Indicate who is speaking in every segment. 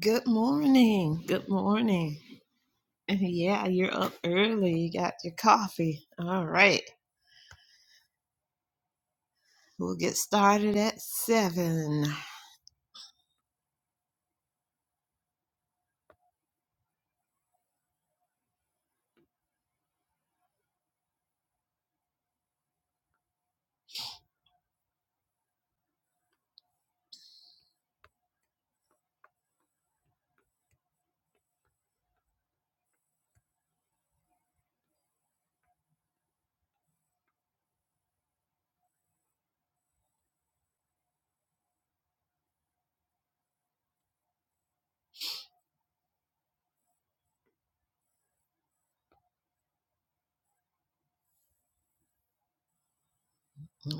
Speaker 1: Good morning. Good morning. And Yeah, you're up early. You got your coffee. All right. We'll get started at seven.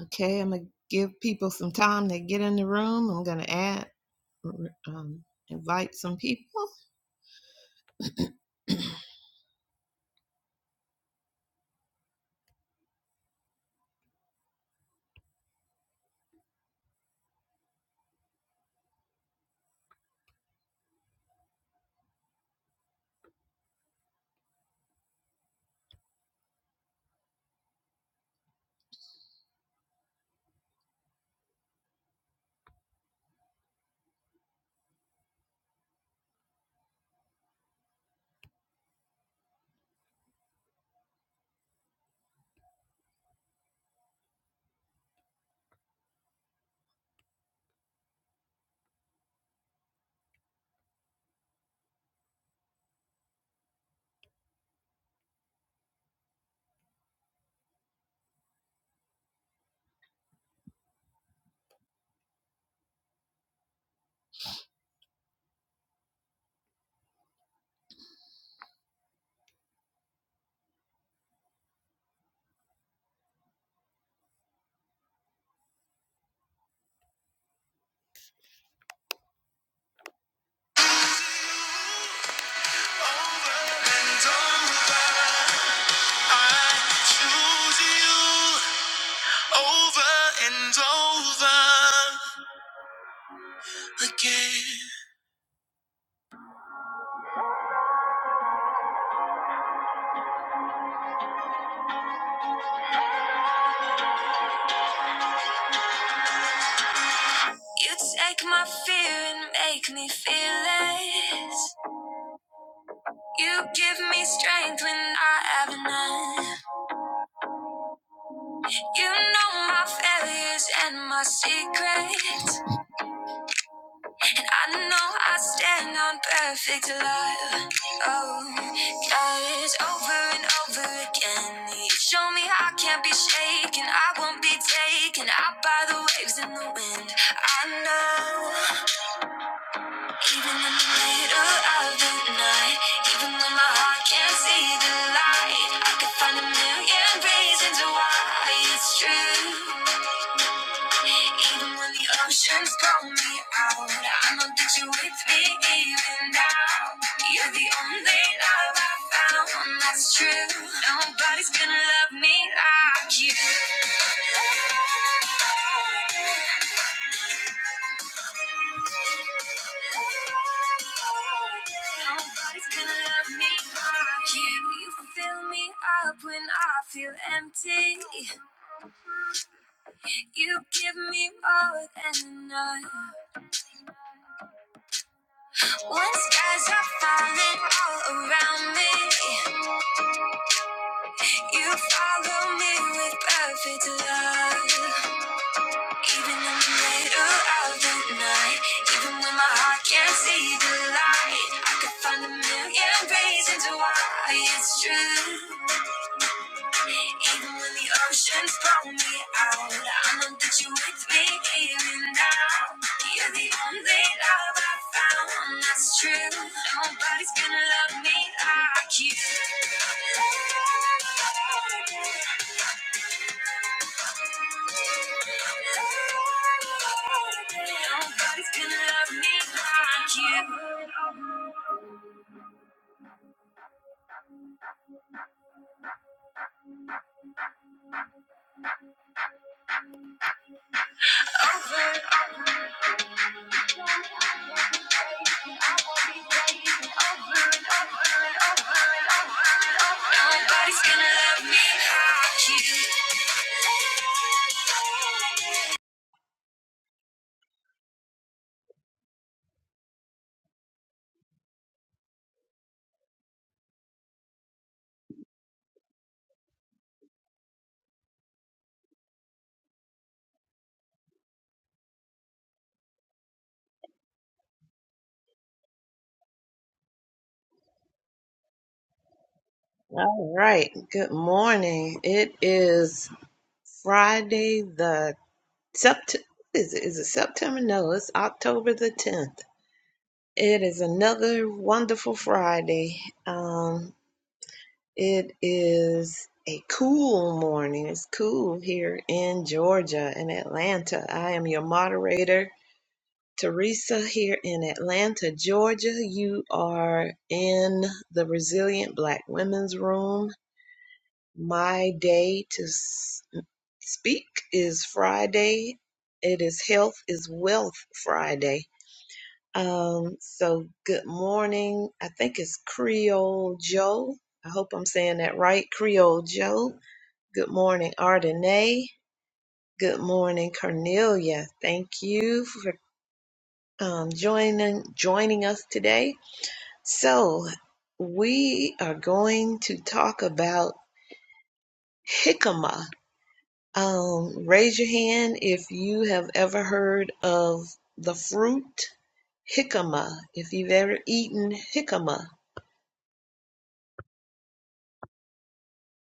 Speaker 1: Okay, I'm going to give people some time to get in the room. I'm going to add, um, invite some people. Over and over. I choose you over and over again. You take my fear and make me feel it. You give me strength when I have none. You know my failures and my secrets. I know I stand on perfect love. Oh, God, it's over and over again. You show me I can't be shaken, I won't be taken out by the waves and the wind. I know, even in the middle of the night, even when my heart can't see the light, I could find a million reasons why it's true. Even when the oceans call me out, I know that you're with me even now. You're the only love I found, that's true. Nobody's gonna love me like you. Nobody's gonna love me like you. You fill me up when I feel empty. You give me more than enough. When skies are falling all around me, you follow me with perfect love. Even in the middle of the night, even when my heart can't see the light, I could find a million reasons why it's true. Even when the oceans throw me out, I know that you're with me even now. You're the only love I found that's true. Nobody's gonna love me like you. Nobody's gonna love me like you. Nobody's gonna love me like you. All right. Good morning. It is Friday the sept. Is it, is it September? No, it's October the tenth. It is another wonderful Friday. Um, it is a cool morning. It's cool here in Georgia in Atlanta. I am your moderator, Teresa here in Atlanta, Georgia. You are in the Resilient Black Women's Room. My day to s- speak is Friday. It is Health is Wealth Friday. Um, so good morning. I think it's Creole Joe. I hope I'm saying that right. Creole Joe. Good morning, Ardenay. Good morning, Cornelia. Thank you for um, joining joining us today. So, we are going to talk about jicama. Um, raise your hand if you have ever heard of the fruit jicama, if you've ever eaten jicama.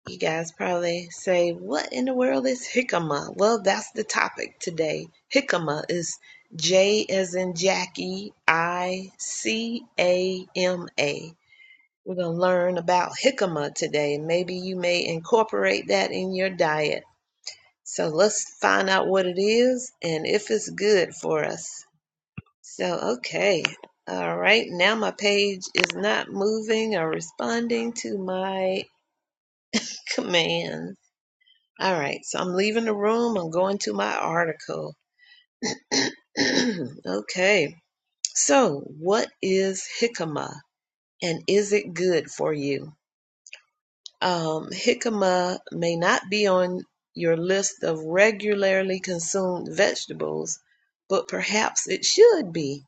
Speaker 1: You guys probably say, What in the world is jicama? Well, that's the topic today. Jicama is J as in Jackie, I C A M A. We're going to learn about jicama today. Maybe you may incorporate that in your diet. So let's find out what it is and if it's good for us. So, okay. All right. Now my page is not moving or responding to my command. All right. So I'm leaving the room. I'm going to my article. okay. So, what is jicama and is it good for you? Um, jicama may not be on your list of regularly consumed vegetables, but perhaps it should be.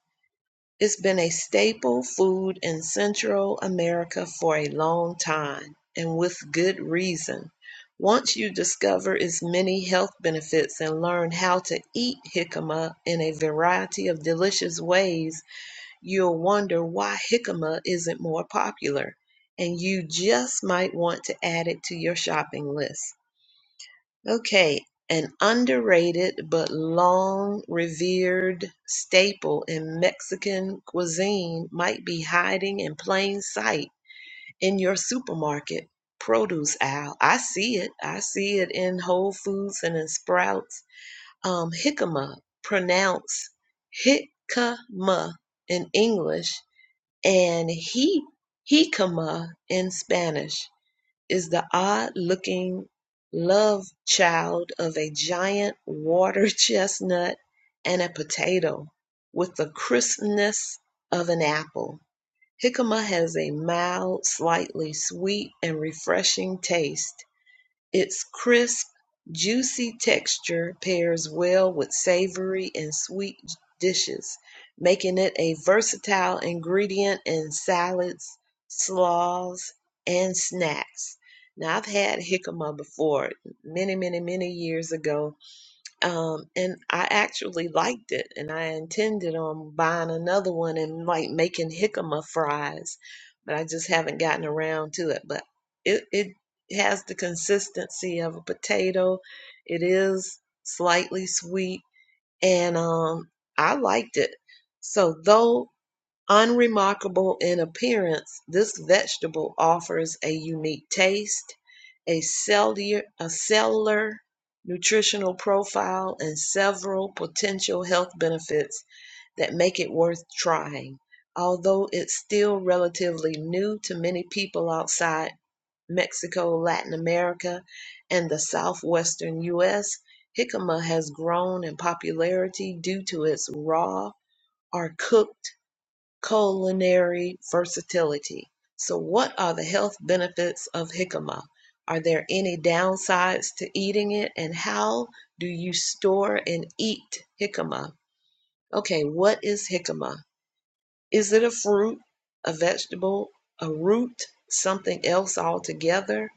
Speaker 1: It's been a staple food in Central America for a long time, and with good reason. Once you discover its many health benefits and learn how to eat jicama in a variety of delicious ways, You'll wonder why jicama isn't more popular, and you just might want to add it to your shopping list. Okay, an underrated but long revered staple in Mexican cuisine might be hiding in plain sight in your supermarket produce aisle. I see it. I see it in Whole Foods and in Sprouts. Um, jicama, pronounced jicama in English, and he Hikama in Spanish is the odd-looking love child of a giant water chestnut and a potato with the crispness of an apple. Jicama has a mild, slightly sweet and refreshing taste its crisp, juicy texture pairs well with savory and sweet dishes, making it a versatile ingredient in salads, slaws, and snacks. Now, I've had jicama before many, many, many years ago um, and I actually liked it, and I intended on buying another one and like making jicama fries, but I just haven't gotten around to it. But it it has the consistency of a potato. It is slightly sweet, and um, I liked it. So though Unremarkable in appearance, this vegetable offers a unique taste, a cellular, a cellular nutritional profile, and several potential health benefits that make it worth trying. Although it's still relatively new to many people outside Mexico, Latin America, and the southwestern U.S., jicama has grown in popularity due to its raw or cooked culinary versatility. So, what are the health benefits of jicama? Are there any downsides to eating it? And how do you store and eat jicama? Okay, what is jicama? Is it a fruit, a vegetable, a root, something else altogether?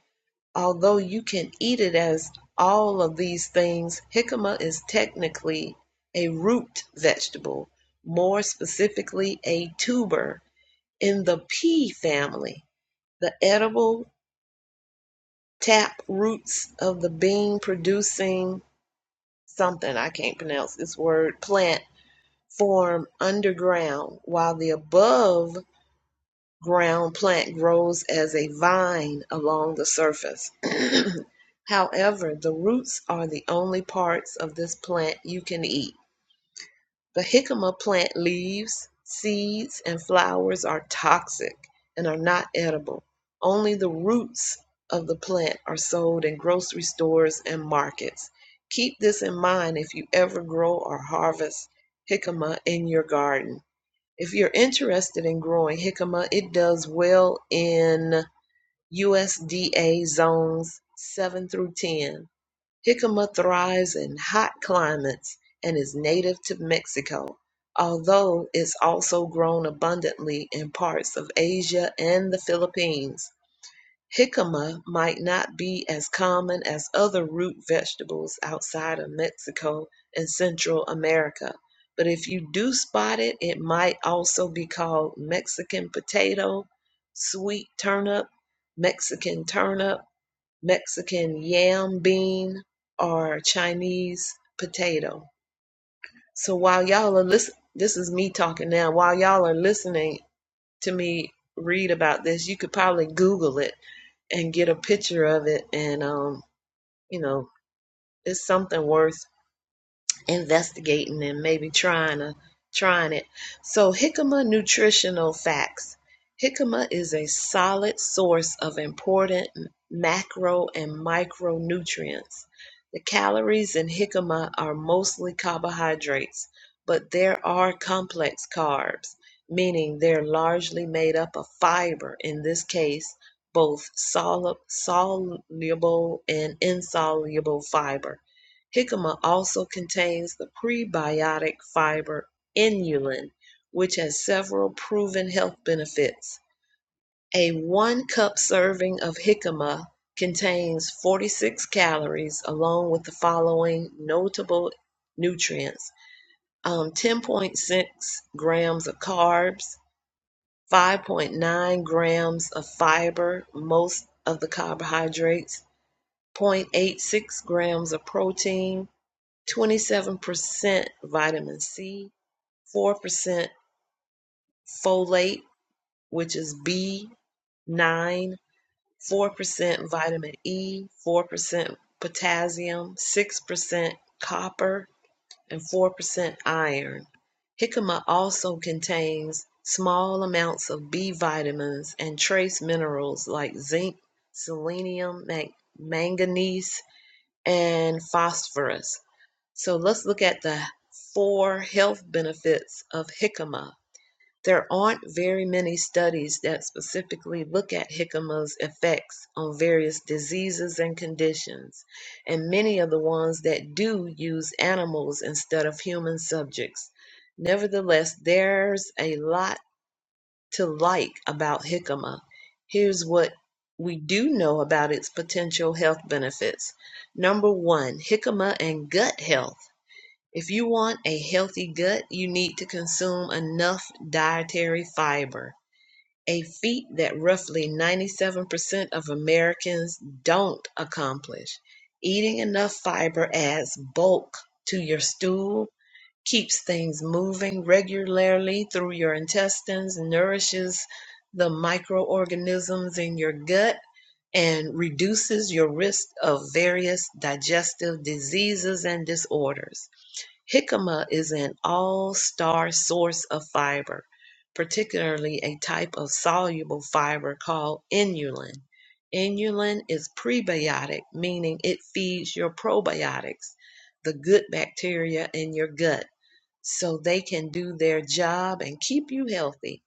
Speaker 1: Although you can eat it as all of these things, jicama is technically a root vegetable, more specifically, a tuber in the pea family, the edible tap roots of the bean producing something, I can't pronounce this word, plant form underground, while the above ground plant grows as a vine along the surface. However, the roots are the only parts of this plant you can eat. The jicama plant leaves, seeds, and flowers are toxic and are not edible. Only the roots of the plant are sold in grocery stores and markets. Keep this in mind if you ever grow or harvest jicama in your garden. If you're interested in growing jicama, it does well in USDA zones 7 through 10. Jicama thrives in hot climates and is native to Mexico, although it's also grown abundantly in parts of Asia and the Philippines. Jicama might not be as common as other root vegetables outside of Mexico and Central America, but if you do spot it, it might also be called Mexican potato, sweet turnip, Mexican turnip, Mexican yam bean, or Chinese potato. So while y'all are listening, this is me talking now. While y'all are listening to me read about this, you could probably Google it and get a picture of it. And, um, you know, it's something worth investigating and maybe trying to trying it. So jicama nutritional facts. Jicama is a solid source of important macro and micronutrients. The calories in jicama are mostly carbohydrates, but there are complex carbs, meaning they're largely made up of fiber, in this case, both solu- soluble and insoluble fiber Jicama also contains the prebiotic fiber inulin, which has several proven health benefits. A one cup serving of jicama contains 46 calories, along with the following notable nutrients um, 10.6 grams of carbs, 5.9 grams of fiber, most of the carbohydrates, 0.86 grams of protein, 27% vitamin C, 4% folate, which is B9, 4% vitamin E, 4% potassium, 6% copper, and 4% iron. Jicama also contains small amounts of B vitamins and trace minerals like zinc, selenium, manganese, and phosphorus. So let's look at the four health benefits of jicama. There aren't very many studies that specifically look at jicama's effects on various diseases and conditions, and many of the ones that do use animals instead of human subjects. Nevertheless, there's a lot to like about jicama. Here's what we do know about its potential health benefits. Number one, jicama and gut health. If you want a healthy gut, you need to consume enough dietary fiber, a feat that roughly 97% of Americans don't accomplish. Eating enough fiber adds bulk to your stool, keeps things moving regularly through your intestines, nourishes the microorganisms in your gut, and reduces your risk of various digestive diseases and disorders. Jicama is an all-star source of fiber, particularly a type of soluble fiber called inulin. Inulin is prebiotic, meaning it feeds your probiotics, the good bacteria in your gut, so they can do their job and keep you healthy.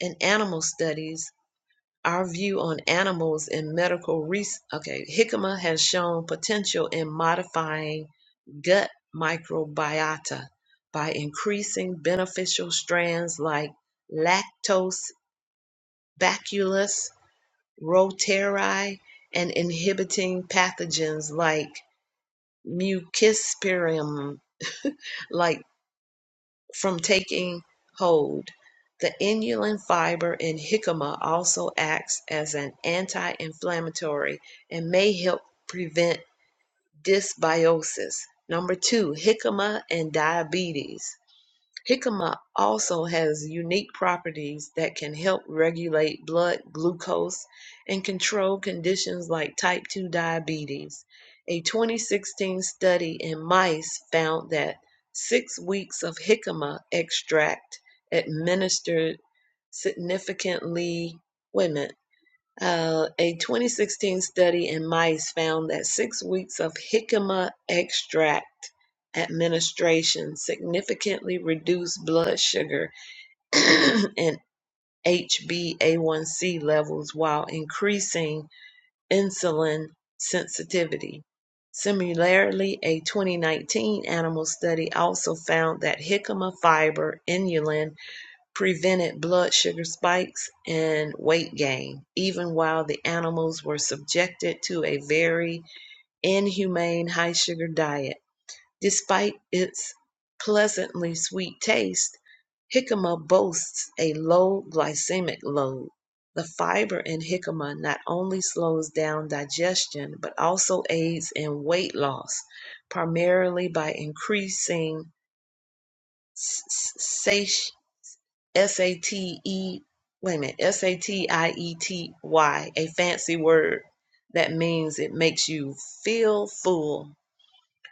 Speaker 1: In animal studies, our view on animals in medical research, okay, jicama has shown potential in modifying gut microbiota by increasing beneficial strands like Lactobacillus bacillus reuteri and inhibiting pathogens like mucosporium like from taking hold. The inulin fiber in jicama also acts as an anti-inflammatory and may help prevent dysbiosis. Number two, jicama and diabetes. Jicama also has unique properties that can help regulate blood glucose and control conditions like type 2 diabetes. A 2016 study in mice found that six weeks of jicama extract administered significantly. women. Uh, a 2016 study in mice found that six weeks of jicama extract administration significantly reduced blood sugar and HbA1c levels while increasing insulin sensitivity. Similarly, a 2019 animal study also found that jicama fiber inulin prevented blood sugar spikes and weight gain, even while the animals were subjected to a very inhumane high sugar diet. Despite its pleasantly sweet taste, jicama boasts a low glycemic load. The fiber in jicama not only slows down digestion but also aids in weight loss, primarily by increasing satiety S A T E, wait a minute, S A T I E T Y, a fancy word that means it makes you feel full.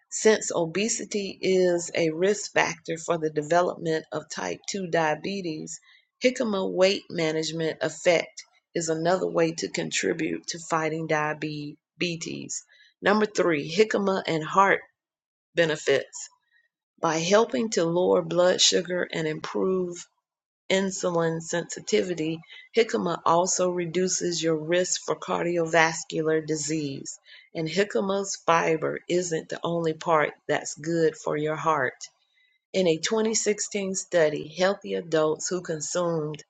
Speaker 1: Since obesity is a risk factor for the development of type 2 diabetes, jicama weight management effect is another way to contribute to fighting diabetes. Number three, jicama and heart benefits. By helping to lower blood sugar and improve insulin sensitivity, jicama also reduces your risk for cardiovascular disease. And jicama's fiber isn't the only part that's good for your heart. In a 2016 study, healthy adults who consumed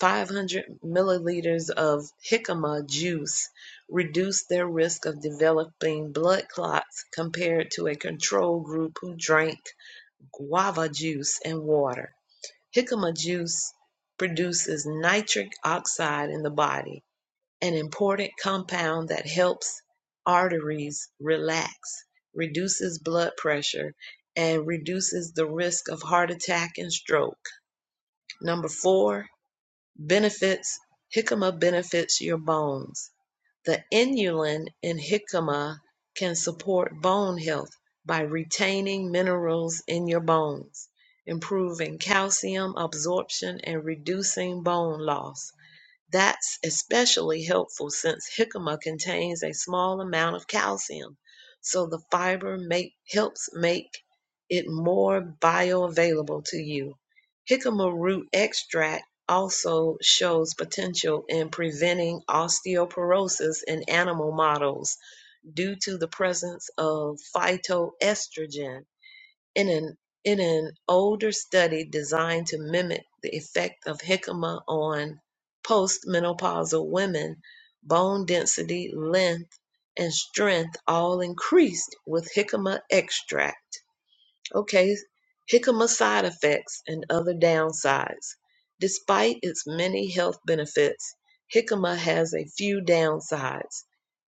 Speaker 1: 500 milliliters of jicama juice reduced their risk of developing blood clots compared to a control group who drank guava juice and water. Jicama juice produces nitric oxide in the body, an important compound that helps arteries relax, reduces blood pressure, and reduces the risk of heart attack and stroke. Number four, benefits jicama benefits your bones. The inulin in jicama can support bone health by retaining minerals in your bones, improving calcium absorption and reducing bone loss. That's especially helpful since jicama contains a small amount of calcium, so the fiber make, helps make it more bioavailable to you. Jicama root extract also shows potential in preventing osteoporosis in animal models due to the presence of phytoestrogen in an in an older study designed to mimic the effect of jicama on postmenopausal women, bone density, length, and strength all increased with jicama extract. Okay, jicama side effects and other downsides. Despite its many health benefits, jicama has a few downsides.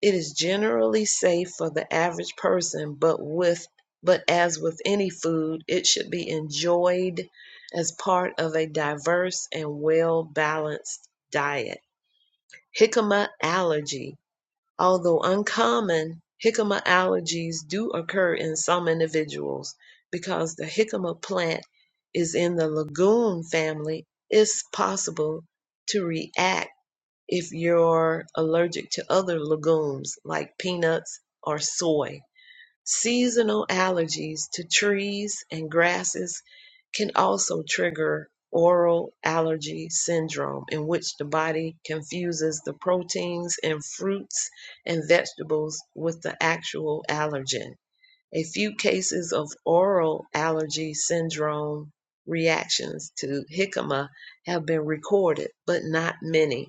Speaker 1: It is generally safe for the average person, but with but as with any food, it should be enjoyed as part of a diverse and well-balanced diet. Jicama allergy. Although uncommon, jicama allergies do occur in some individuals because the jicama plant is in the legume family. It's possible to react if you're allergic to other legumes like peanuts or soy. Seasonal allergies to trees and grasses can also trigger oral allergy syndrome, in which the body confuses the proteins in fruits and vegetables with the actual allergen a few cases of oral allergy syndrome reactions to jicama have been recorded, but not many.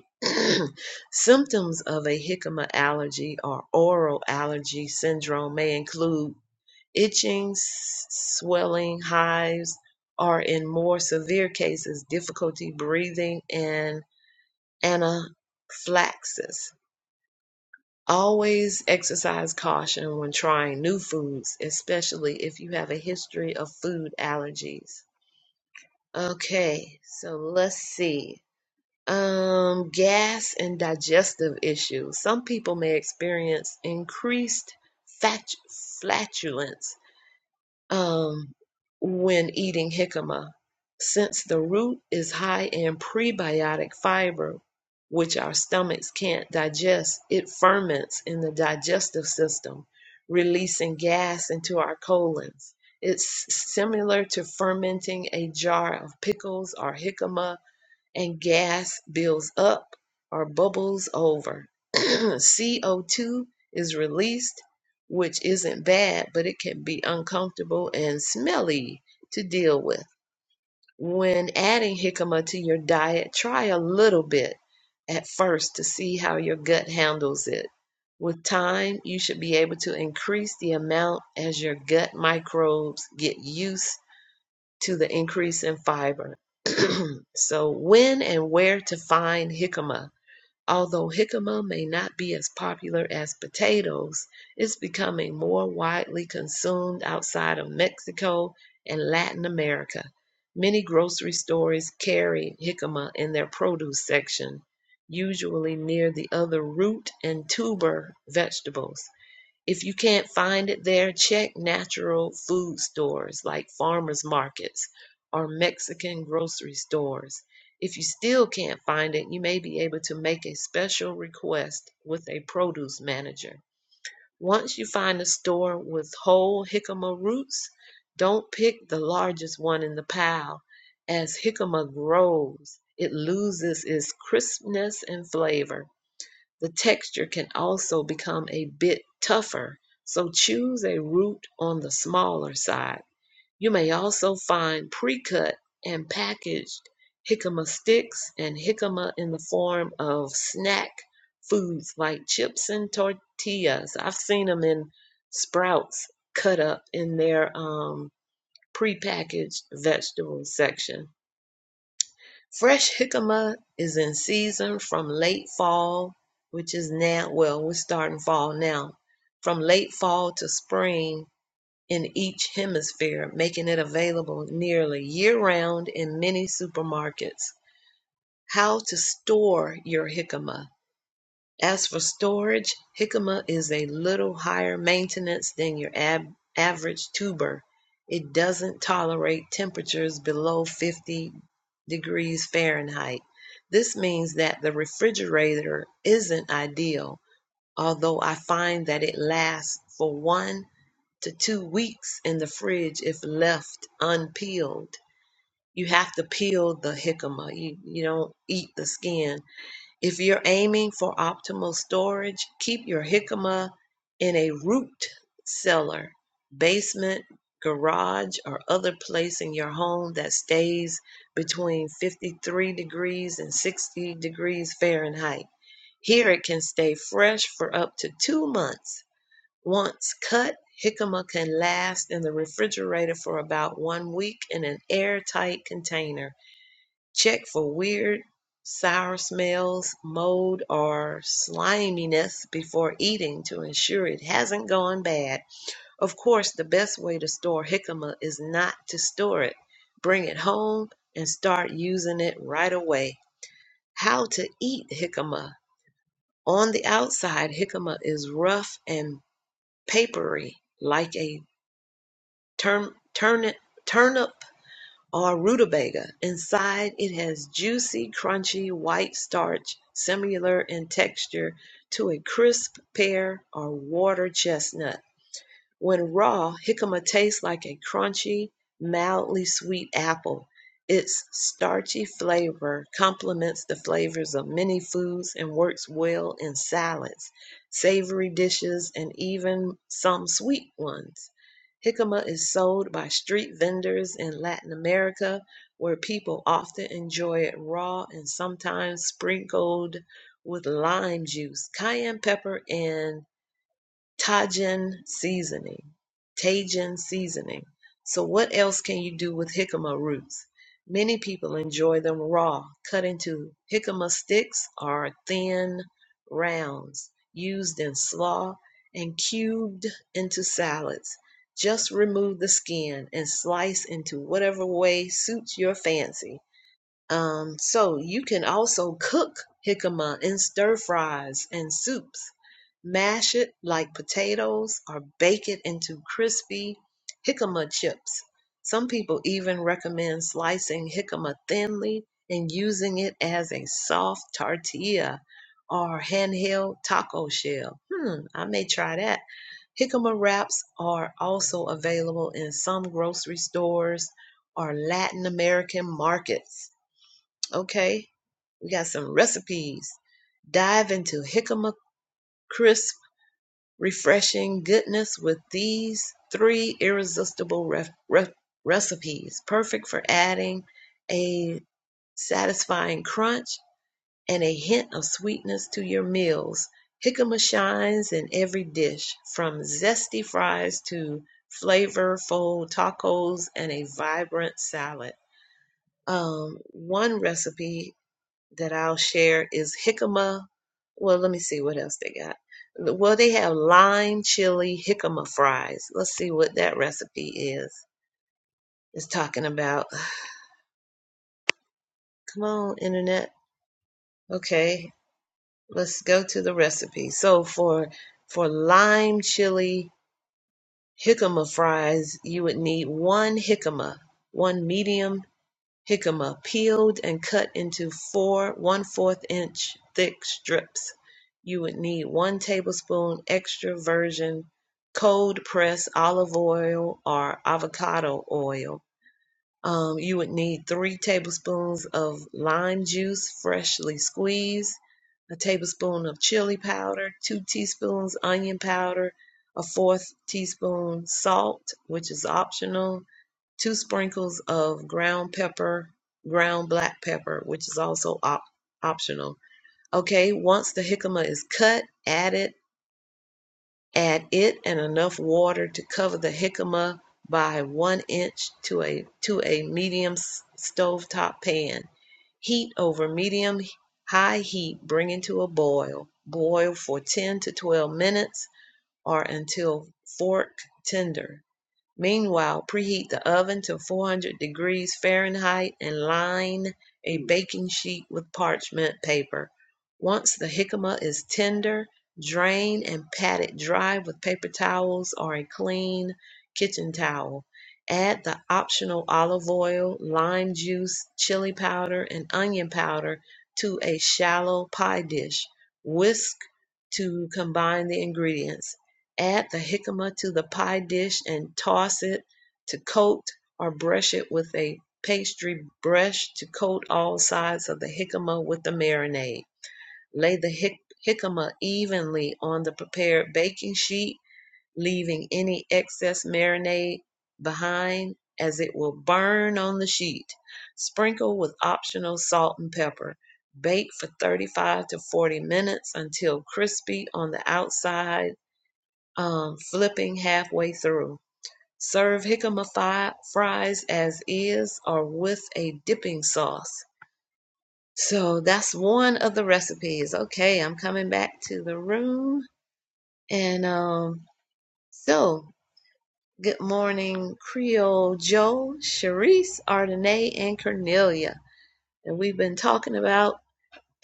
Speaker 1: Symptoms of a jicama allergy or oral allergy syndrome may include itching, swelling, hives, or in more severe cases, difficulty breathing and anaphylaxis. Always exercise caution when trying new foods, especially if you have a history of food allergies. Okay, so let's see. Um, gas and digestive issues. Some people may experience increased fat- flatulence um, when eating jicama, since the root is high in prebiotic fiber, which our stomachs can't digest, it ferments in the digestive system, releasing gas into our colons. It's similar to fermenting a jar of pickles or jicama and gas builds up or bubbles over. CO2 is released, which isn't bad, but it can be uncomfortable and smelly to deal with. When adding jicama to your diet, try a little bit at first to see how your gut handles it. With time, you should be able to increase the amount as your gut microbes get used to the increase in fiber. so, when and where to find jicama? Although jicama may not be as popular as potatoes, it's becoming more widely consumed outside of Mexico and Latin America. Many grocery stores carry jicama in their produce section, usually near the other root and tuber vegetables. If you can't find it there, check natural food stores like farmers markets or Mexican grocery stores. If you still can't find it, you may be able to make a special request with a produce manager. Once you find a store with whole jicama roots, don't pick the largest one in the pile. As jicama grows, it loses its crispness and flavor. The texture can also become a bit tougher, so choose a root on the smaller side. You may also find pre cut and packaged jicama sticks and jicama in the form of snack foods like chips and tortillas. I've seen them in Sprouts cut up in their um, pre packaged vegetable section. Fresh jicama is in season from late fall, which is now, well, we're starting fall now, from late fall to spring in each hemisphere, making it available nearly year round in many supermarkets. How to store your jicama. As for storage, jicama is a little higher maintenance than your ab- average tuber. It doesn't tolerate temperatures below 50 degrees Fahrenheit. This means that the refrigerator isn't ideal, although I find that it lasts for one to two weeks in the fridge if left unpeeled. You have to peel the jicama. You, you don't eat the skin if you're aiming for optimal storage, keep your jicama in a root cellar, basement, garage, or other place in your home that stays between 53 degrees and 60 degrees Fahrenheit. Here it can stay fresh for up to two months. Once cut, jicama can last in the refrigerator for about one week in an airtight container. Check for weird, sour smells, mold, or sliminess before eating to ensure it hasn't gone bad. Of course, the best way to store jicama is not to store it. Bring it home and start using it right away. How to eat jicama. On the outside, jicama is rough and papery like a turn, turnip, turnip or rutabaga. Inside, it has juicy, crunchy white starch similar in texture to a crisp pear or water chestnut. When raw, jicama tastes like a crunchy, mildly sweet apple. Its starchy flavor complements the flavors of many foods and works well in salads, savory dishes, and even some sweet ones. Jicama is sold by street vendors in Latin America, where people often enjoy it raw and sometimes sprinkled with lime juice, cayenne pepper, and Tajin seasoning. Tajin seasoning. So, what else can you do with jicama roots? Many people enjoy them raw, cut into jicama sticks or thin rounds, used in slaw and cubed into salads. Just remove the skin and slice into whatever way suits your fancy. Um, so, you can also cook jicama in stir fries and soups Mash it like potatoes or bake it into crispy jicama chips. Some people even recommend slicing jicama thinly and using it as a soft tortilla or handheld taco shell. Hmm, I may try that. Jicama wraps are also available in some grocery stores or Latin American markets. Okay, we got some recipes dive into jicama crisp refreshing goodness with these three irresistible ref- re- recipes, perfect for adding a satisfying crunch and a hint of sweetness to your meals. Jicama shines in every dish, from zesty fries to flavorful tacos and a vibrant salad. Um, one recipe that I'll share is jicama. Well, let me see what else they got. Well, they have lime chili jicama fries. Let's see what that recipe is. It's talking about. Come on, internet. Okay, let's go to the recipe. So for for lime chili jicama fries, you would need one jicama, one medium Jicama peeled and cut into four one-fourth inch thick strips. You would need one tablespoon extra virgin cold pressed olive oil or avocado oil. Um, you would need three tablespoons of lime juice, freshly squeezed, a tablespoon of chili powder, two teaspoons onion powder, a fourth teaspoon salt, which is optional, two sprinkles of ground pepper, ground black pepper, which is also op- optional. Okay, once the jicama is cut, add it, add it and enough water to cover the jicama by one inch to a to a medium s- stovetop pan. Heat over medium high heat, bring it to a boil. Boil for 10 to 12 minutes or until fork tender Meanwhile, preheat the oven to 400 degrees Fahrenheit and line a baking sheet with parchment paper. Once the jicama is tender, drain and pat it dry with paper towels or a clean kitchen towel. Add the optional olive oil, lime juice, chili powder, and onion powder to a shallow pie dish. Whisk to combine the ingredients. Add the jicama to the pie dish and toss it to coat or brush it with a pastry brush to coat all sides of the jicama with the marinade. Lay the jic- jicama evenly on the prepared baking sheet, leaving any excess marinade behind as it will burn on the sheet. Sprinkle with optional salt and pepper. Bake for 35 to 40 minutes until crispy on the outside um, flipping halfway through. Serve jicama fi- fries as is or with a dipping sauce. So that's one of the recipes. Okay, I'm coming back to the room. And um, so, good morning, Creole Joe, Sharice, Ardenay, and Cornelia. And we've been talking about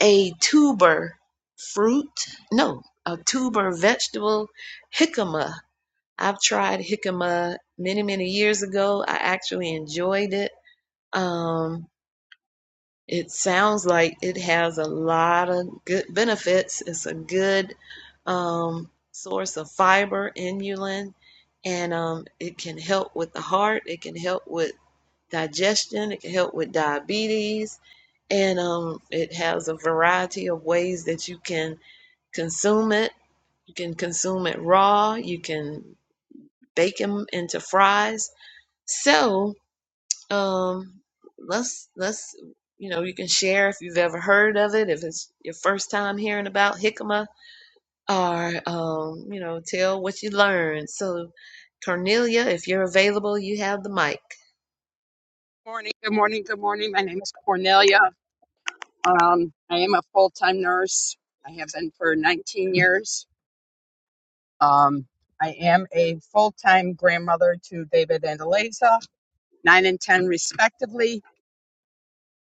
Speaker 1: a tuber fruit, no, a tuber vegetable jicama I've tried jicama many, many years ago. I actually enjoyed it. Um, it sounds like it has a lot of good benefits. It's a good um, source of fiber, inulin, and um, it can help with the heart. It can help with digestion. It can help with diabetes. And um, it has a variety of ways that you can consume it. You can consume it raw. You can bake them into fries So, um, let's let's you know you can share if you've ever heard of it, if it's your first time hearing about jicama, or um, you know tell what you learned. So, Cornelia, if you're available, you have the mic.
Speaker 2: Morning, good morning, good morning. My name is Cornelia. Um, I am a full time nurse. I have been for 19 years. Um, I am a full time grandmother to David and Eliza, nine and 10 respectively.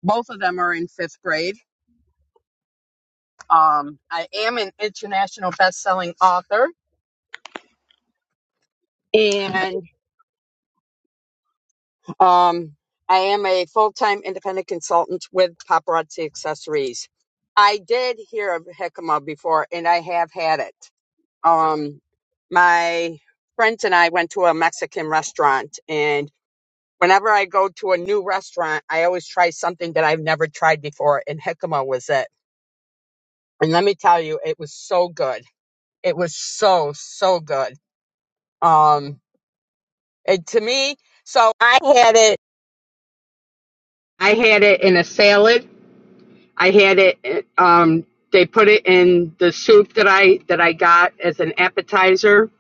Speaker 2: Both of them are in fifth grade. Um, I am an international best selling author and um, I am a full time independent consultant with Paparazzi Accessories. I did hear of jicama before and I have had it. um my friends and I went to a Mexican restaurant and whenever I go to a new restaurant I always try something that I've never tried before and jicama was it and let me tell you it was so good it was so so good um and to me so I had it I had it in a salad I had it uh, um they put it in the soup that I that I got as an appetizer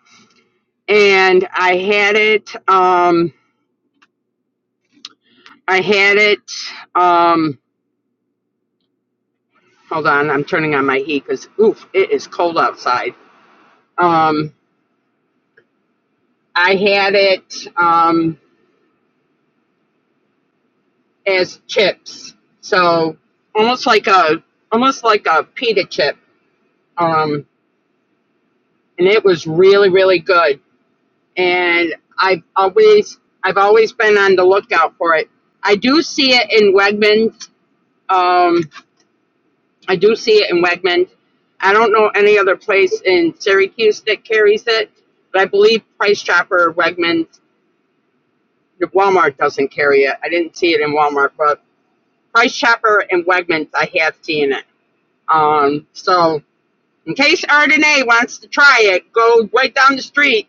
Speaker 2: and I had it um I had it. Um, hold on, I'm turning on my heat because oof, it is cold outside. Um, I had it um, as chips, so almost like a almost like a pita chip, um, and it was really really good. And I've always I've always been on the lookout for it. I do see it in Wegmans. Um, I do see it in Wegmans. I don't know any other place in Syracuse that carries it, but I believe Price Chopper, Wegmans, Walmart doesn't carry it. I didn't see it in Walmart, but Price Chopper and Wegmans, I have seen it. Um, so in case Ardenae wants to try it, go right down the street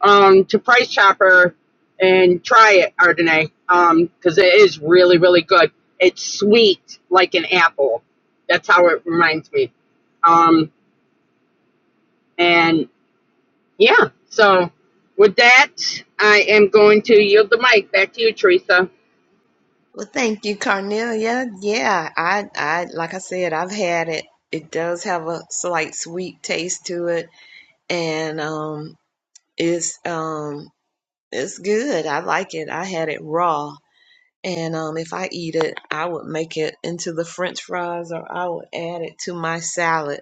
Speaker 2: um, to Price Chopper and try it, Ardenae, um, because it is really, really good. It's sweet like an apple. That's how it reminds me. Um, And yeah, so with that, I am going to yield the mic back to you, Teresa.
Speaker 1: Well, thank you, Cornelia. Yeah, I I like I said, I've had it. It does have a slight sweet taste to it, and um, it's um, it's good. I like it. I had it raw And um, if I eat it, I would make it into the French fries, or I would add it to my salad,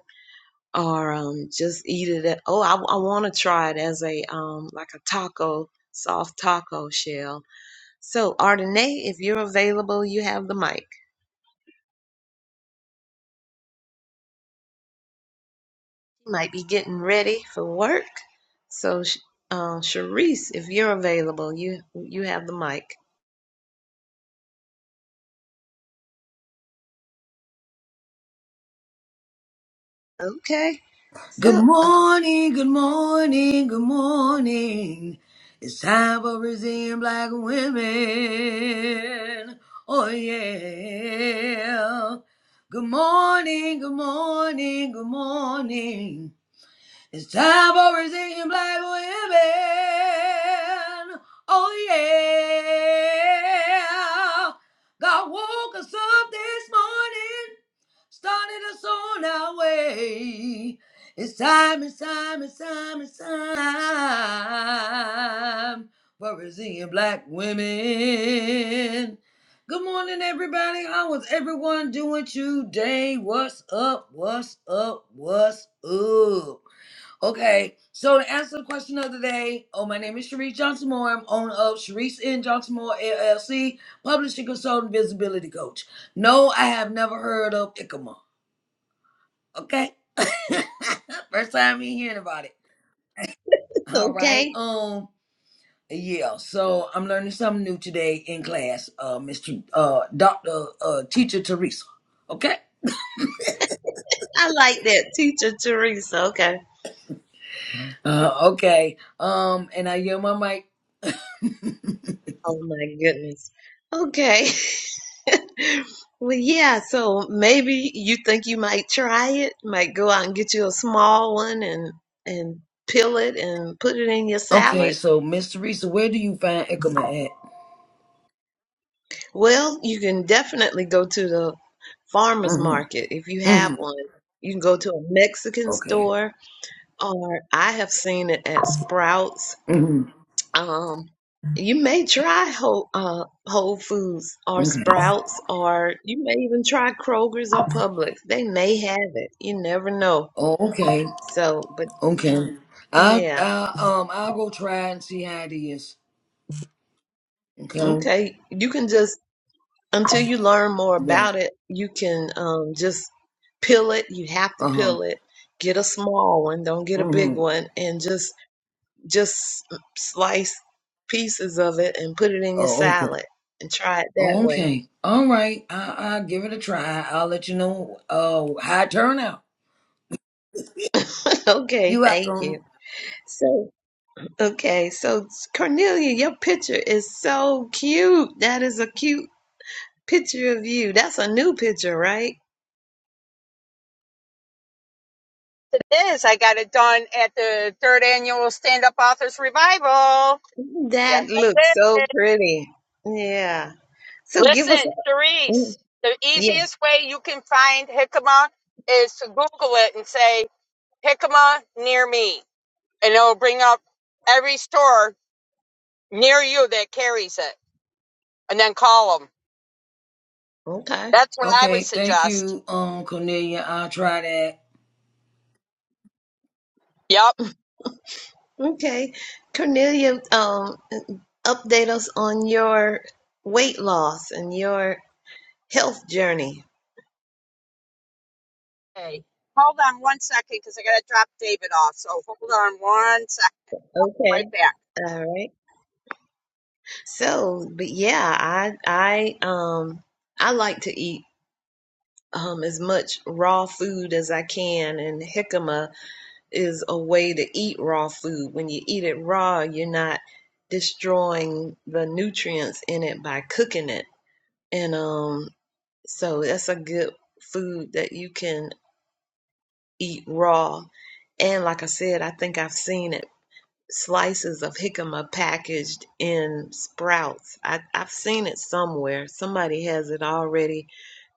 Speaker 1: or um, just eat it. At, oh, I, I want to try it as a um, like a taco, soft taco shell. So Ardenae, if you're available, you have the mic. You might be getting ready for work. So, Sh- um, Sharice, if you're available, you you have the mic. Okay.
Speaker 3: Good
Speaker 1: So
Speaker 3: morning, good morning, good morning. It's time for Brazilian black women. Oh yeah. Good morning, good morning, good morning. It's time for Brazilian black women. Oh yeah. God woke us up this morning, started us on our way. It's time, it's time, it's time, it's time for Brazilian black women. Good morning, everybody. How is everyone doing today? What's up? What's up? What's up? Okay, so to answer the question of the day, oh, my name is Sharice Johnson Moore. I'm owner of Sharice N. Johnson Moore LLC, publishing consultant, visibility coach. No, I have never heard of ICMA. Okay, first time me hearing about it. All right,
Speaker 1: okay,
Speaker 3: um, yeah. So I'm learning something new today in class, uh, Mr. Uh, Doctor uh, Teacher Teresa. Okay,
Speaker 1: I like that, teacher Teresa. Okay.
Speaker 3: uh, okay. Um, and I yell my mic.
Speaker 1: Oh my goodness. Okay. Well, yeah, so maybe you think you might try it, might go out and get you a small one and and peel it and put it in your
Speaker 3: Okay,
Speaker 1: salad.
Speaker 3: so Miss Teresa, where do you find ICMA at?
Speaker 1: Well, you can definitely go to the farmer's
Speaker 3: Mhm.
Speaker 1: market if you have
Speaker 3: hmm
Speaker 1: one. You can go to a Mexican
Speaker 3: Okay.
Speaker 1: store, or I have seen it at Sprouts
Speaker 3: hmm
Speaker 1: Um, you may try Whole, uh, Whole Foods or
Speaker 3: Okay.
Speaker 1: Sprouts, or you may even try Kroger's or Publix. They may have it. You never know.
Speaker 3: Oh, okay.
Speaker 1: So, but
Speaker 3: Okay. I,
Speaker 1: yeah,
Speaker 3: I um I'll go try and see how it is. Okay.
Speaker 1: okay. You can just, until you learn more
Speaker 3: Yeah.
Speaker 1: about it, you can um, just peel it. You have to
Speaker 3: Uh huh.
Speaker 1: peel it. Get a small one, don't get a
Speaker 3: hmm
Speaker 1: big one, and just just slice pieces of it and put it in your
Speaker 3: Oh, okay.
Speaker 1: salad and try it that
Speaker 3: Oh,
Speaker 1: way.
Speaker 3: okay. All right. I I'll give it a try. I'll let you know. Uh, how it turn out.
Speaker 1: okay,
Speaker 3: You
Speaker 1: thank
Speaker 3: welcome.
Speaker 1: you. So Okay, so Cornelia, your picture is so cute. That is a cute picture of you. That's a new picture, right?
Speaker 2: It is. I got it done at the third annual Stand Up Authors Revival. Yes,
Speaker 1: That
Speaker 2: that's
Speaker 1: looks
Speaker 2: it.
Speaker 1: so pretty. Yeah. So give us a,
Speaker 2: Listen,
Speaker 1: mm,
Speaker 2: Therese, the
Speaker 1: yeah,
Speaker 2: easiest way you can find Hickama is to Google it and say Hickama near me, and it'll bring up every store near you that carries it, and then call them.
Speaker 1: okay.
Speaker 2: That's what I would
Speaker 3: Okay. Thank
Speaker 2: suggest.
Speaker 3: you, um, Cornelia. I'll try that.
Speaker 2: Yep.
Speaker 1: Okay. Cornelia, um, update us on your weight loss and your health journey.
Speaker 2: Okay. Hold on one second because I got to drop David off. So hold on one second. Right
Speaker 1: Okay.
Speaker 2: back.
Speaker 1: All right. So, but yeah, I I um I like to eat um, as much raw food as I can. And jicama is a way to eat raw food. When you eat it raw, you're not destroying the nutrients in it by cooking it. And um, so that's a good food that you can eat raw. And like I said, I think I've seen it slices of jicama packaged in sprouts. I, I've seen it somewhere. Somebody has it already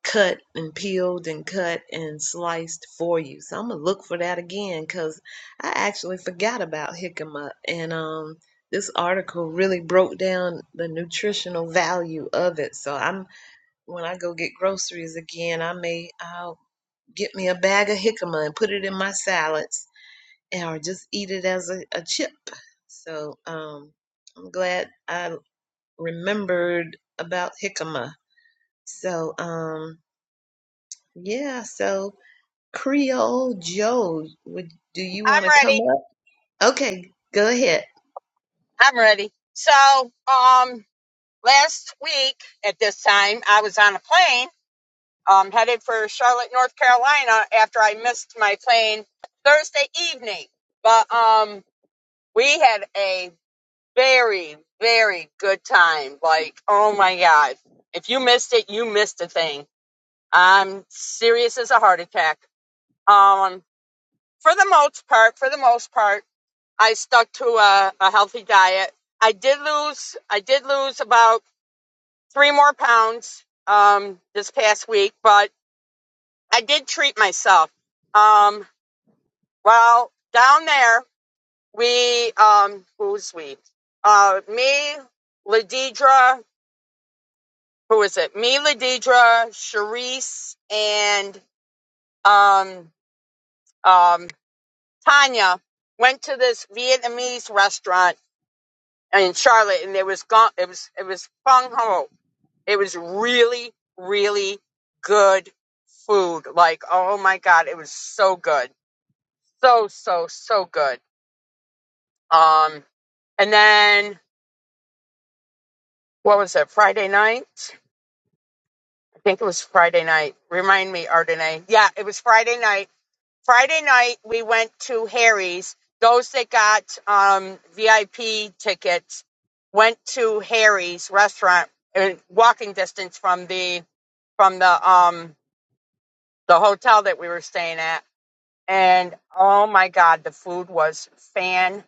Speaker 1: cut and peeled and cut and sliced for you. So I'm gonna look for that again because I actually forgot about jicama. And um, this article really broke down the nutritional value of it. So I'm when I go get groceries again, I may I'll get me a bag of jicama and put it in my salads or just eat it as a, a chip. So um, I'm glad I remembered about jicama. So um, yeah, so Creole Joe, would do you
Speaker 2: I'm
Speaker 1: want to come
Speaker 2: ready.
Speaker 1: up? Okay, go ahead.
Speaker 2: I'm ready. So, um, last week at this time, I was on a plane um, headed for Charlotte, North Carolina after I missed my plane Thursday evening. But um, we had a very, very good time. Like, oh my God. If you missed it, you missed a thing. I'm serious as a heart attack. Um, for the most part, for the most part, I stuck to a, a healthy diet. I did lose, I did lose about three more pounds um, this past week, but I did treat myself. Um, well, down there, we, um, who's we? Uh, me, Ladidra, who is it? Me, Ladidra, Charisse, and um, um, Tanya went to this Vietnamese restaurant in Charlotte, and it was gung, it was it was fung ho. It was really really good food. Like oh my god, it was so good, so so so good. Um, and then what was it? Friday night? I think it was Friday night. Remind me, Ardenay. Yeah, it was Friday night. Friday night we went to Harry's. Those that got um, VIP tickets went to Harry's restaurant, uh, walking distance from the from the um the hotel that we were staying at and oh my god the food was fantastic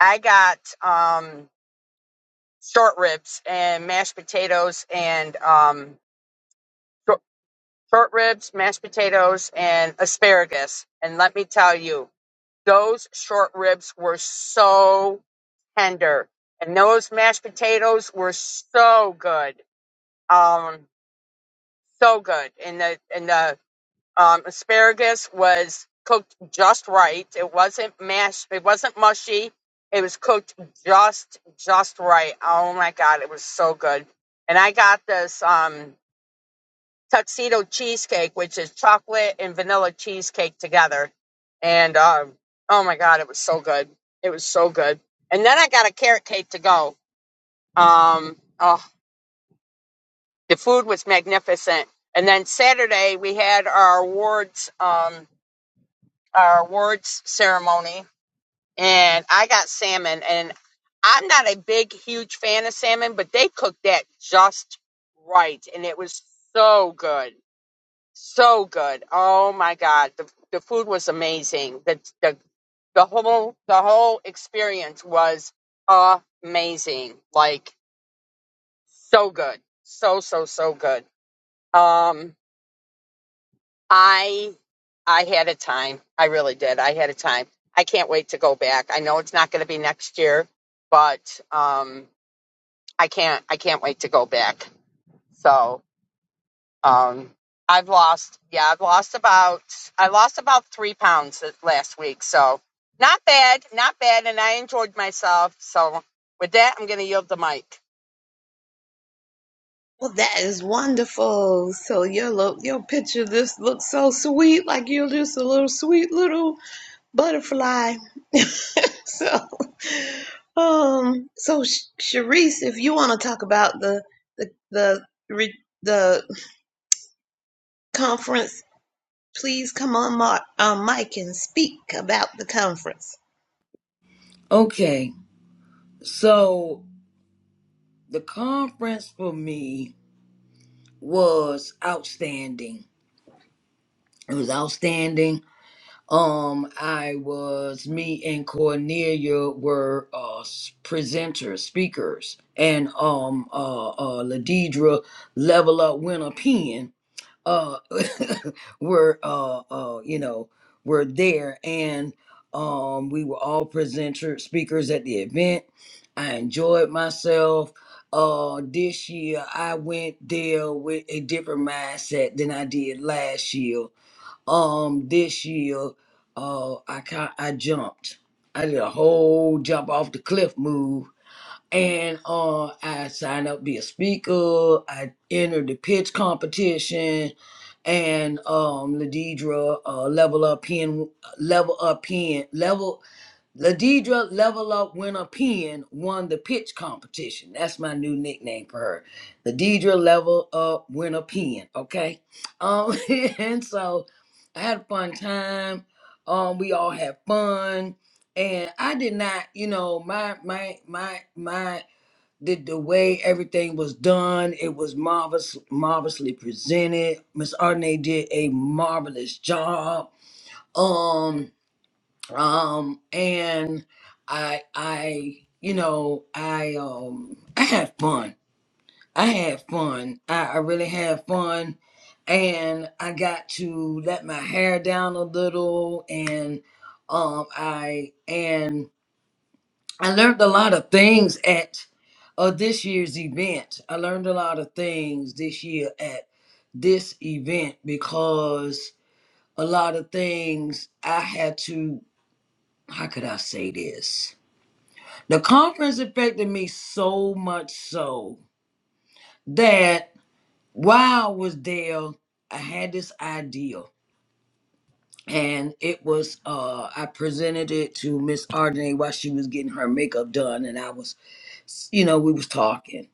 Speaker 2: i got um short ribs and mashed potatoes and um short ribs mashed potatoes and asparagus and let me tell you those short ribs were so tender and those mashed potatoes were so good um so good and the and the Um, asparagus was cooked just right. It wasn't mashed. It wasn't mushy. It was cooked just just right. Oh my god, it was so good. And I got this um, tuxedo cheesecake, which is chocolate and vanilla cheesecake together. And um, oh my god, it was so good. It was so good. And then I got a carrot cake to go. Um, oh, the food was magnificent. And then Saturday we had our awards. Um, our awards ceremony and I got salmon and I'm not a big huge fan of salmon, but they cooked that just right and it was so good. So good. Oh my god, the the food was amazing. The the the whole the whole experience was amazing. Like so good. So so so good. Um I I had a time. I really did. I had a time. I can't wait to go back. I know it's not going to be next year, but um, I can't I can't wait to go back. So um, I've lost yeah I've lost about I lost about three pounds th- last week. So not bad, not bad, and I enjoyed myself. So with that, I'm going to yield the mic.
Speaker 1: Well, that is wonderful. So your look, your picture, this looks so sweet. Like you're just a little sweet little butterfly. so, um, so Sh- Sharice, if you want to talk about the the the re- the conference, please come on my um, mic and speak about the conference.
Speaker 3: Okay. So the conference for me was outstanding. It was outstanding Um, I was me and Cornelia were uh s- presenters, speakers, and um uh uh Ladidra Level Up Winner Pen uh were uh uh you know were there and um we were all presenter speakers at the event. I enjoyed myself. Uh this year I went there with a different mindset than I did last year um this year uh I ca- I jumped. I did a whole jump off the cliff move and uh I signed up to be a speaker. I entered the pitch competition and um Ladidra uh level up pen level up pen level Ladidra Level Up Winner Pen won the pitch competition. That's my new nickname for her. Ladidra Level Up Winner Pen. Okay. Um, and so I had a fun time. Um, we all had fun. And I did not, you know, my my my my the, the way everything was done, it was marvelous, marvelously presented. Miss Arne did a marvelous job. Um um and i i you know i um i had fun i had fun i, I really had fun and i got to let my hair down a little and um i and i learned a lot of things at uh, this year's event i learned a lot of things this year at this event because a lot of things i had to how could i say this The conference affected me so much so that while I was there, I had this idea. And it was uh I presented it to Miss Ardenay while she was getting her makeup done and I was you know, we was talking.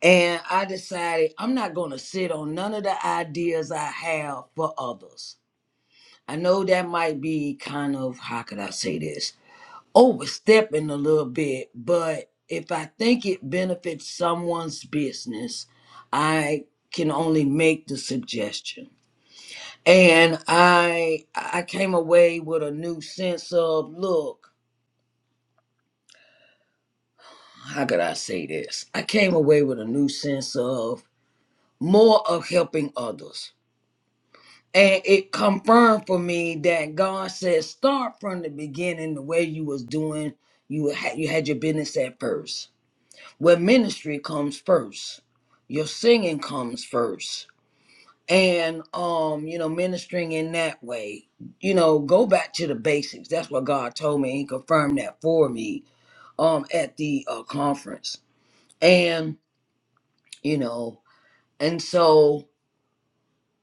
Speaker 3: And I decided I'm not gonna sit on none of the ideas I have for others. I know that might be kind of how could I say this? overstepping a little bit, but if I think it benefits someone's business, I can only make the suggestion. And I I came away with a new sense of look, how could I say this? I came away with a new sense of more of helping others. And it confirmed for me that God says start from the beginning the way you was doing you had you had your business at first where ministry comes first your singing comes first and um you know ministering in that way you know go back to the basics that's what god told me he confirmed that for me um at the uh, conference and you know and so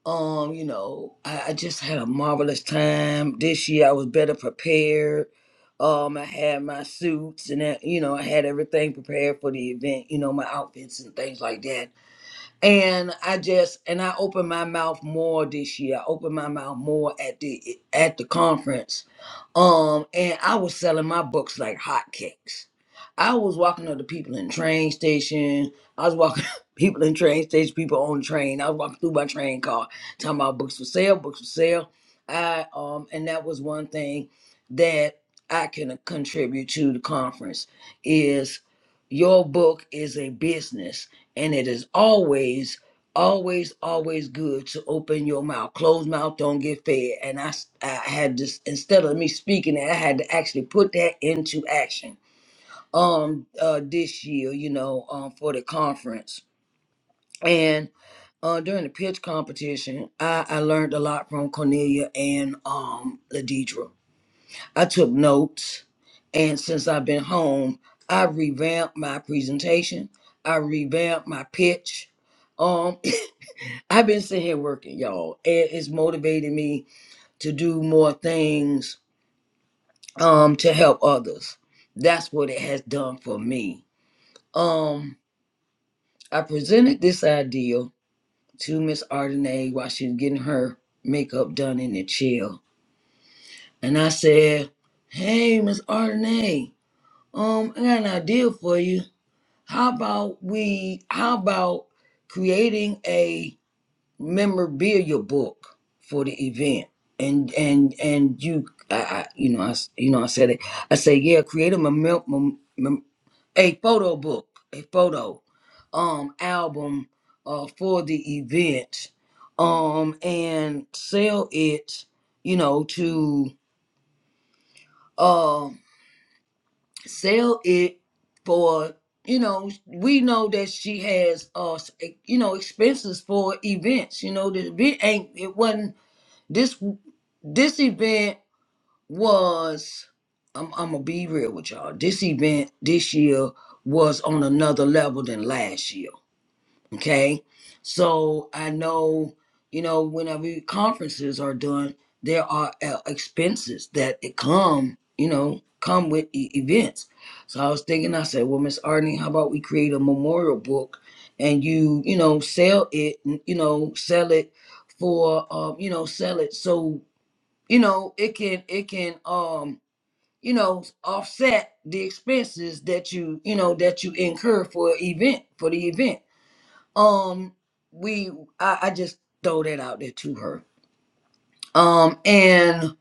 Speaker 3: um you know I, I just had a marvelous time this year i was better prepared um i had my suits and that, you know i had everything prepared for the event you know my outfits and things like that and I just and I opened my mouth more this year. I opened my mouth more at the at the conference. Um, and I was selling my books like hotcakes. I was walking up to people in train station. I was walking people in train station, people on train. I was walking through my train car, talking about books for sale, books for sale. I um, and that was one thing that I can contribute to the conference is your book is a business and it is always always always good to open your mouth closed mouth don't get fed and I, I had this instead of me speaking it i had to actually put that into action um uh this year you know um for the conference and uh during the pitch competition i i learned a lot from cornelia and um ladidra i took notes and since i've been home i revamped my presentation i revamped my pitch um I've been sitting here working, y'all. It is motivating me to do more things um to help others. That's what it has done for me. Um, I presented this idea to Miss Ardenay while she was getting her makeup done in the chill. And I said, Hey Miss Ardenay, um, I got an idea for you. How about we how about creating a?" memorabilia book for the event and and and you I, I you know I s- you know I said it I said yeah create a mem- mem- mem- a photo book a photo um album uh for the event um and sell it you know to um sell it for you know we know that she has uh s- e, you know expenses for events you know the event ain't it wasn't this This event was, I'm, I'm gonna be real with y'all. This event this year was on another level than last year. Okay, so I know, you know, whenever conferences are done, there are uh, expenses that it come, you know, come with e- events. So I was thinking, I said, well, Miss Arnie, how about we create a memorial book and you, you know, sell it, you know, sell it for, um, you know, sell it so you know it can it can um you know offset the expenses that you you know that you incur for event for the event um we i, I just throw that out there to her um and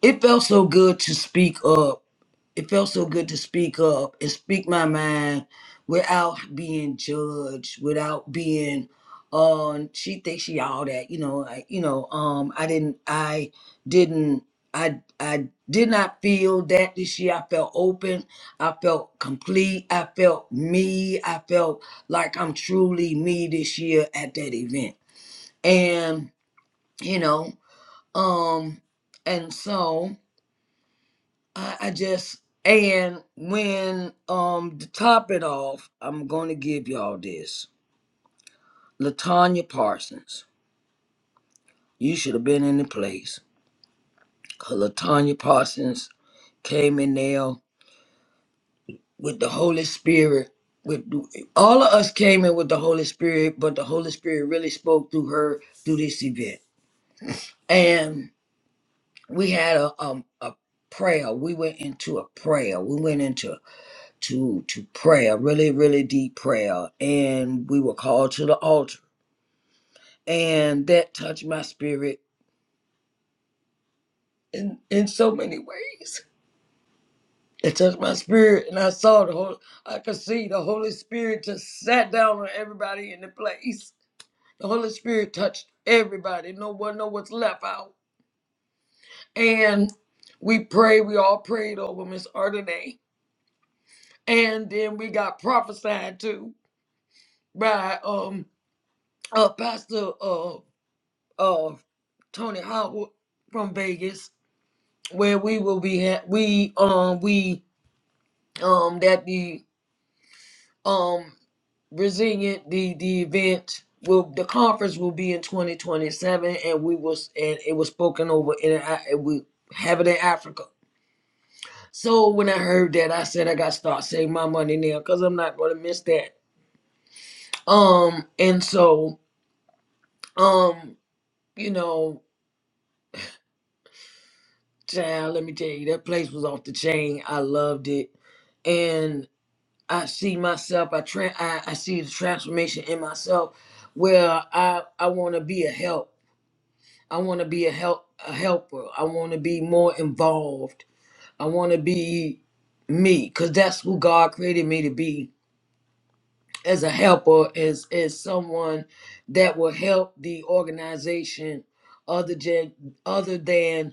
Speaker 3: it felt so good to speak up it felt so good to speak up and speak my mind without being judged, without being um she thinks she all that, you know, I, you know, um I didn't I didn't I I did not feel that this year. I felt open, I felt complete, I felt me, I felt like I'm truly me this year at that event. And, you know, um and so I, I just and when um to top it off, I'm gonna give y'all this. Latanya Parsons, you should have been in the place. 'Cause Latanya Parsons came in there with the Holy Spirit. With all of us came in with the Holy Spirit, but the Holy Spirit really spoke through her through this event. And we had a um a prayer. We went into a prayer. We went into to to prayer, really, really deep prayer, and we were called to the altar, and that touched my spirit in in so many ways. It touched my spirit, and I saw the whole. I could see the Holy Spirit just sat down on everybody in the place. The Holy Spirit touched everybody. No one, no one's left out. And we prayed. We all prayed over Miss Ardenay, and then we got prophesied to by um uh Pastor uh uh Tony Hawk from Vegas, where we will be. Ha- we um we um that the um resilient the the event will the conference will be in 2027, and we was and it was spoken over in I- and we have it in Africa. So when I heard that, I said I got to start saving my money now because I'm not going to miss that. Um and so um you know child, let me tell you that place was off the chain. I loved it and. I see myself. I, tra- I I see the transformation in myself, where I I want to be a help. I want to be a help a helper. I want to be more involved. I want to be me, cause that's who God created me to be as a helper, as as someone that will help the organization, other than other than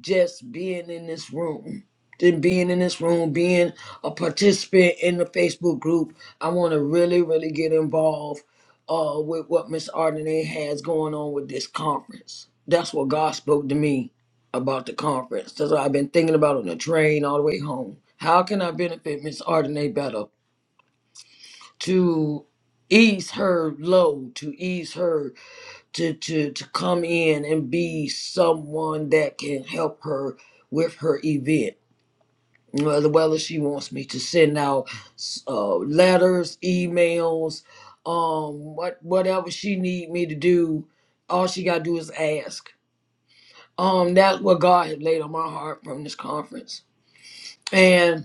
Speaker 3: just being in this room than being in this room, being a participant in the Facebook group. I want to really, really get involved uh, with what Miss Ardenay has going on with this conference. That's what God spoke to me about the conference. That's what I've been thinking about on the train all the way home. How can I benefit Miss Ardenay better to ease her load, to ease her to to to come in and be someone that can help her with her event. Whether whether she wants me to send out uh, letters, emails, um, what whatever she need me to do, all she gotta do is ask. Um, that's what God had laid on my heart from this conference, and.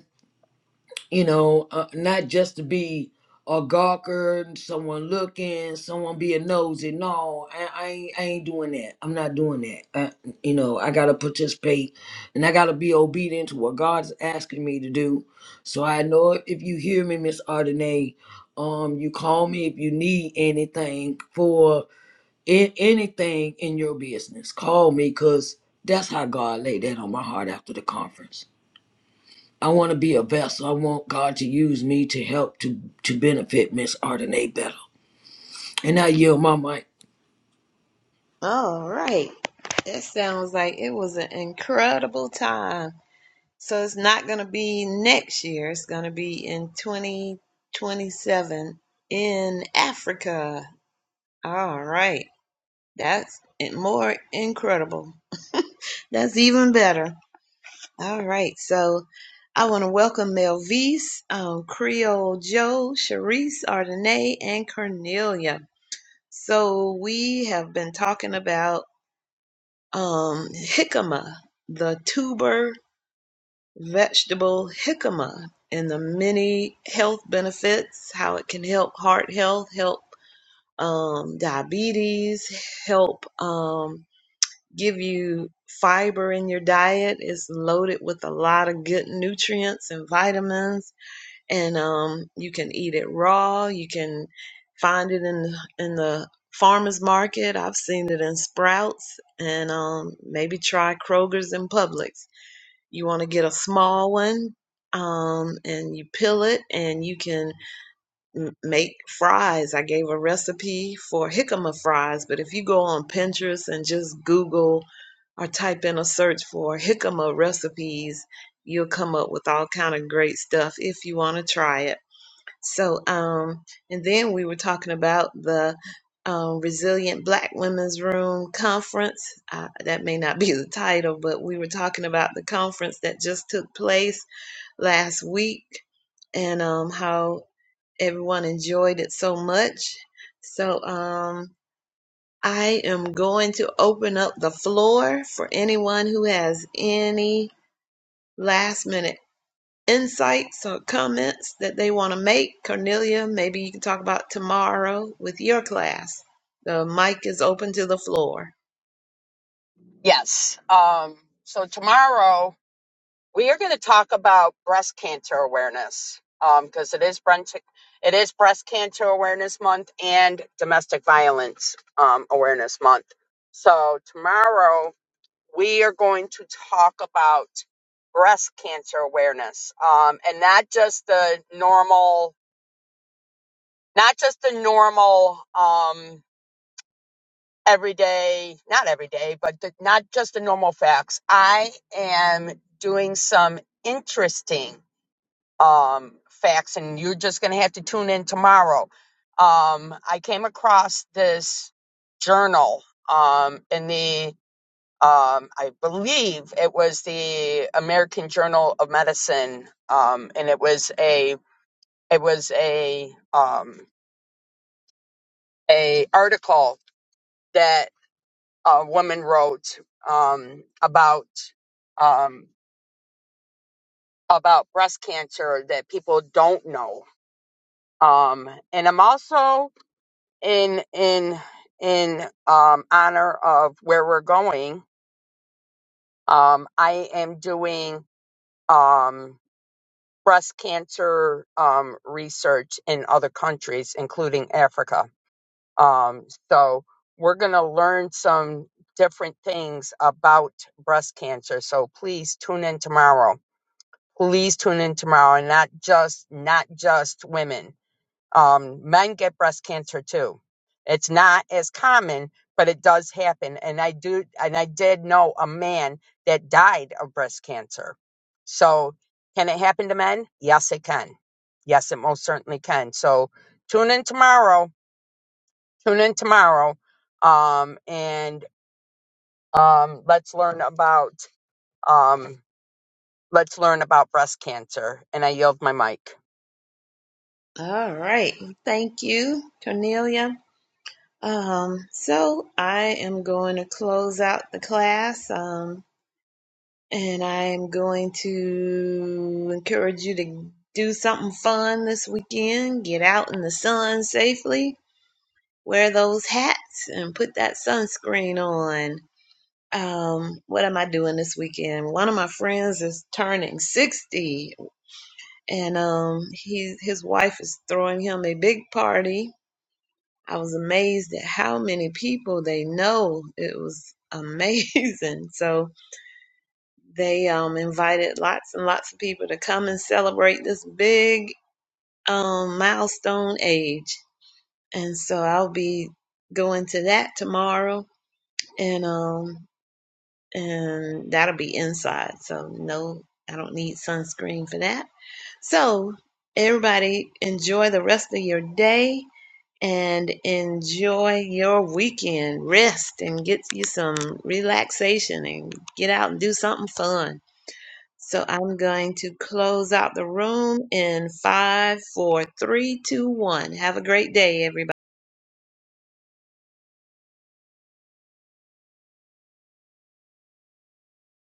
Speaker 3: you know, uh, not just to be a gawker, someone looking, someone being nosy. No, I, I, ain't, I ain't doing that. I'm not doing that. I, you know, I gotta participate, and I gotta be obedient to what God's asking me to do. So I know if if you hear me, Miss Ardenay, um, you call me if you need anything for in, anything in your business. Call me, cause that's how God laid that on my heart after the conference I want to be a vessel. I want God to use me to help to to benefit Miss Ardenae better. And I yield my mic.
Speaker 1: All right, that sounds like it was an incredible time. So it's not going to be next year. It's going to be in twenty twenty seven in Africa. All right. That's more incredible. That's even better. All right. So I want to welcome Melvise, um, Creole Joe, Sharice, Ardenay, and Cornelia. So we have been talking about um, jicama, the tuber vegetable jicama, and the many health benefits, how it can help heart health, help um, diabetes, help. Um, give you fiber in your diet. It's loaded with a lot of good nutrients and vitamins, and um, you can eat it raw. You can find it in in the farmers market. I've seen it in Sprouts, and um, maybe try Kroger's and Publix. You want to get a small one, um, and you peel it, and you can m- make fries. I gave a recipe for jicama fries, but if you go on Pinterest and just Google or type in a search for jicama recipes, you'll come up with all kind of great stuff if you want to try it. So, um, and then we were talking about the um, Resilient Black Women's Room Conference. Uh, that may not be the title, but we were talking about the conference that just took place last week and um, how everyone enjoyed it so much. So um, I am going to open up the floor for anyone who has any last minute insights or comments that they want to make. Cornelia, maybe you can talk about tomorrow with your class. The mic is open to the floor.
Speaker 2: Yes. Um, so tomorrow. we are going to talk about breast cancer awareness because um, it is breast it is breast cancer awareness month and domestic violence um, awareness month so tomorrow we are going to talk about breast cancer awareness um, and not just the normal not just the normal um, everyday not everyday but the, not just the normal facts i am doing some interesting um, facts, and you're just going to have to tune in tomorrow. Um, I came across this journal um, in the, um, I believe it was the American Journal of Medicine, um, and it was a, it was a, um, a article that a woman wrote um, about um, about breast cancer that people don't know. Um, and I'm also in in in um honor of where we're going um i am doing um breast cancer um research in other countries including africa um so we're going to learn some different things about breast cancer so please tune in tomorrow please tune in tomorrow and not just not just women Um, men get breast cancer too. It's not as common, but it does happen. And I do, and I did know a man that died of breast cancer. So can it happen to men? Yes, it can. Yes, it most certainly can. So tune in tomorrow. Tune in tomorrow. Um, and um, let's learn about um, let's learn about breast cancer. And I yield my mic.
Speaker 1: All right. Thank you, Cornelia. Um, so I am going to close out the class. Um, And I am going to encourage you to do something fun this weekend. Get out in the sun safely. Wear those hats and put that sunscreen on. Um, what am I doing this weekend? One of my friends is turning 60 and um he his wife is throwing him a big party. I was amazed at how many people they know. It was amazing. So They um, invited lots and lots of people to come and celebrate this big um, milestone age. And so I'll be going to that tomorrow, and um, and that'll be inside. So no, I don't need sunscreen for that. So everybody, enjoy the rest of your day and enjoy your weekend. Rest and get you some relaxation and get out and do something fun. So I'm going to close out the room in five, four, three, two, one. Have a great day, everybody.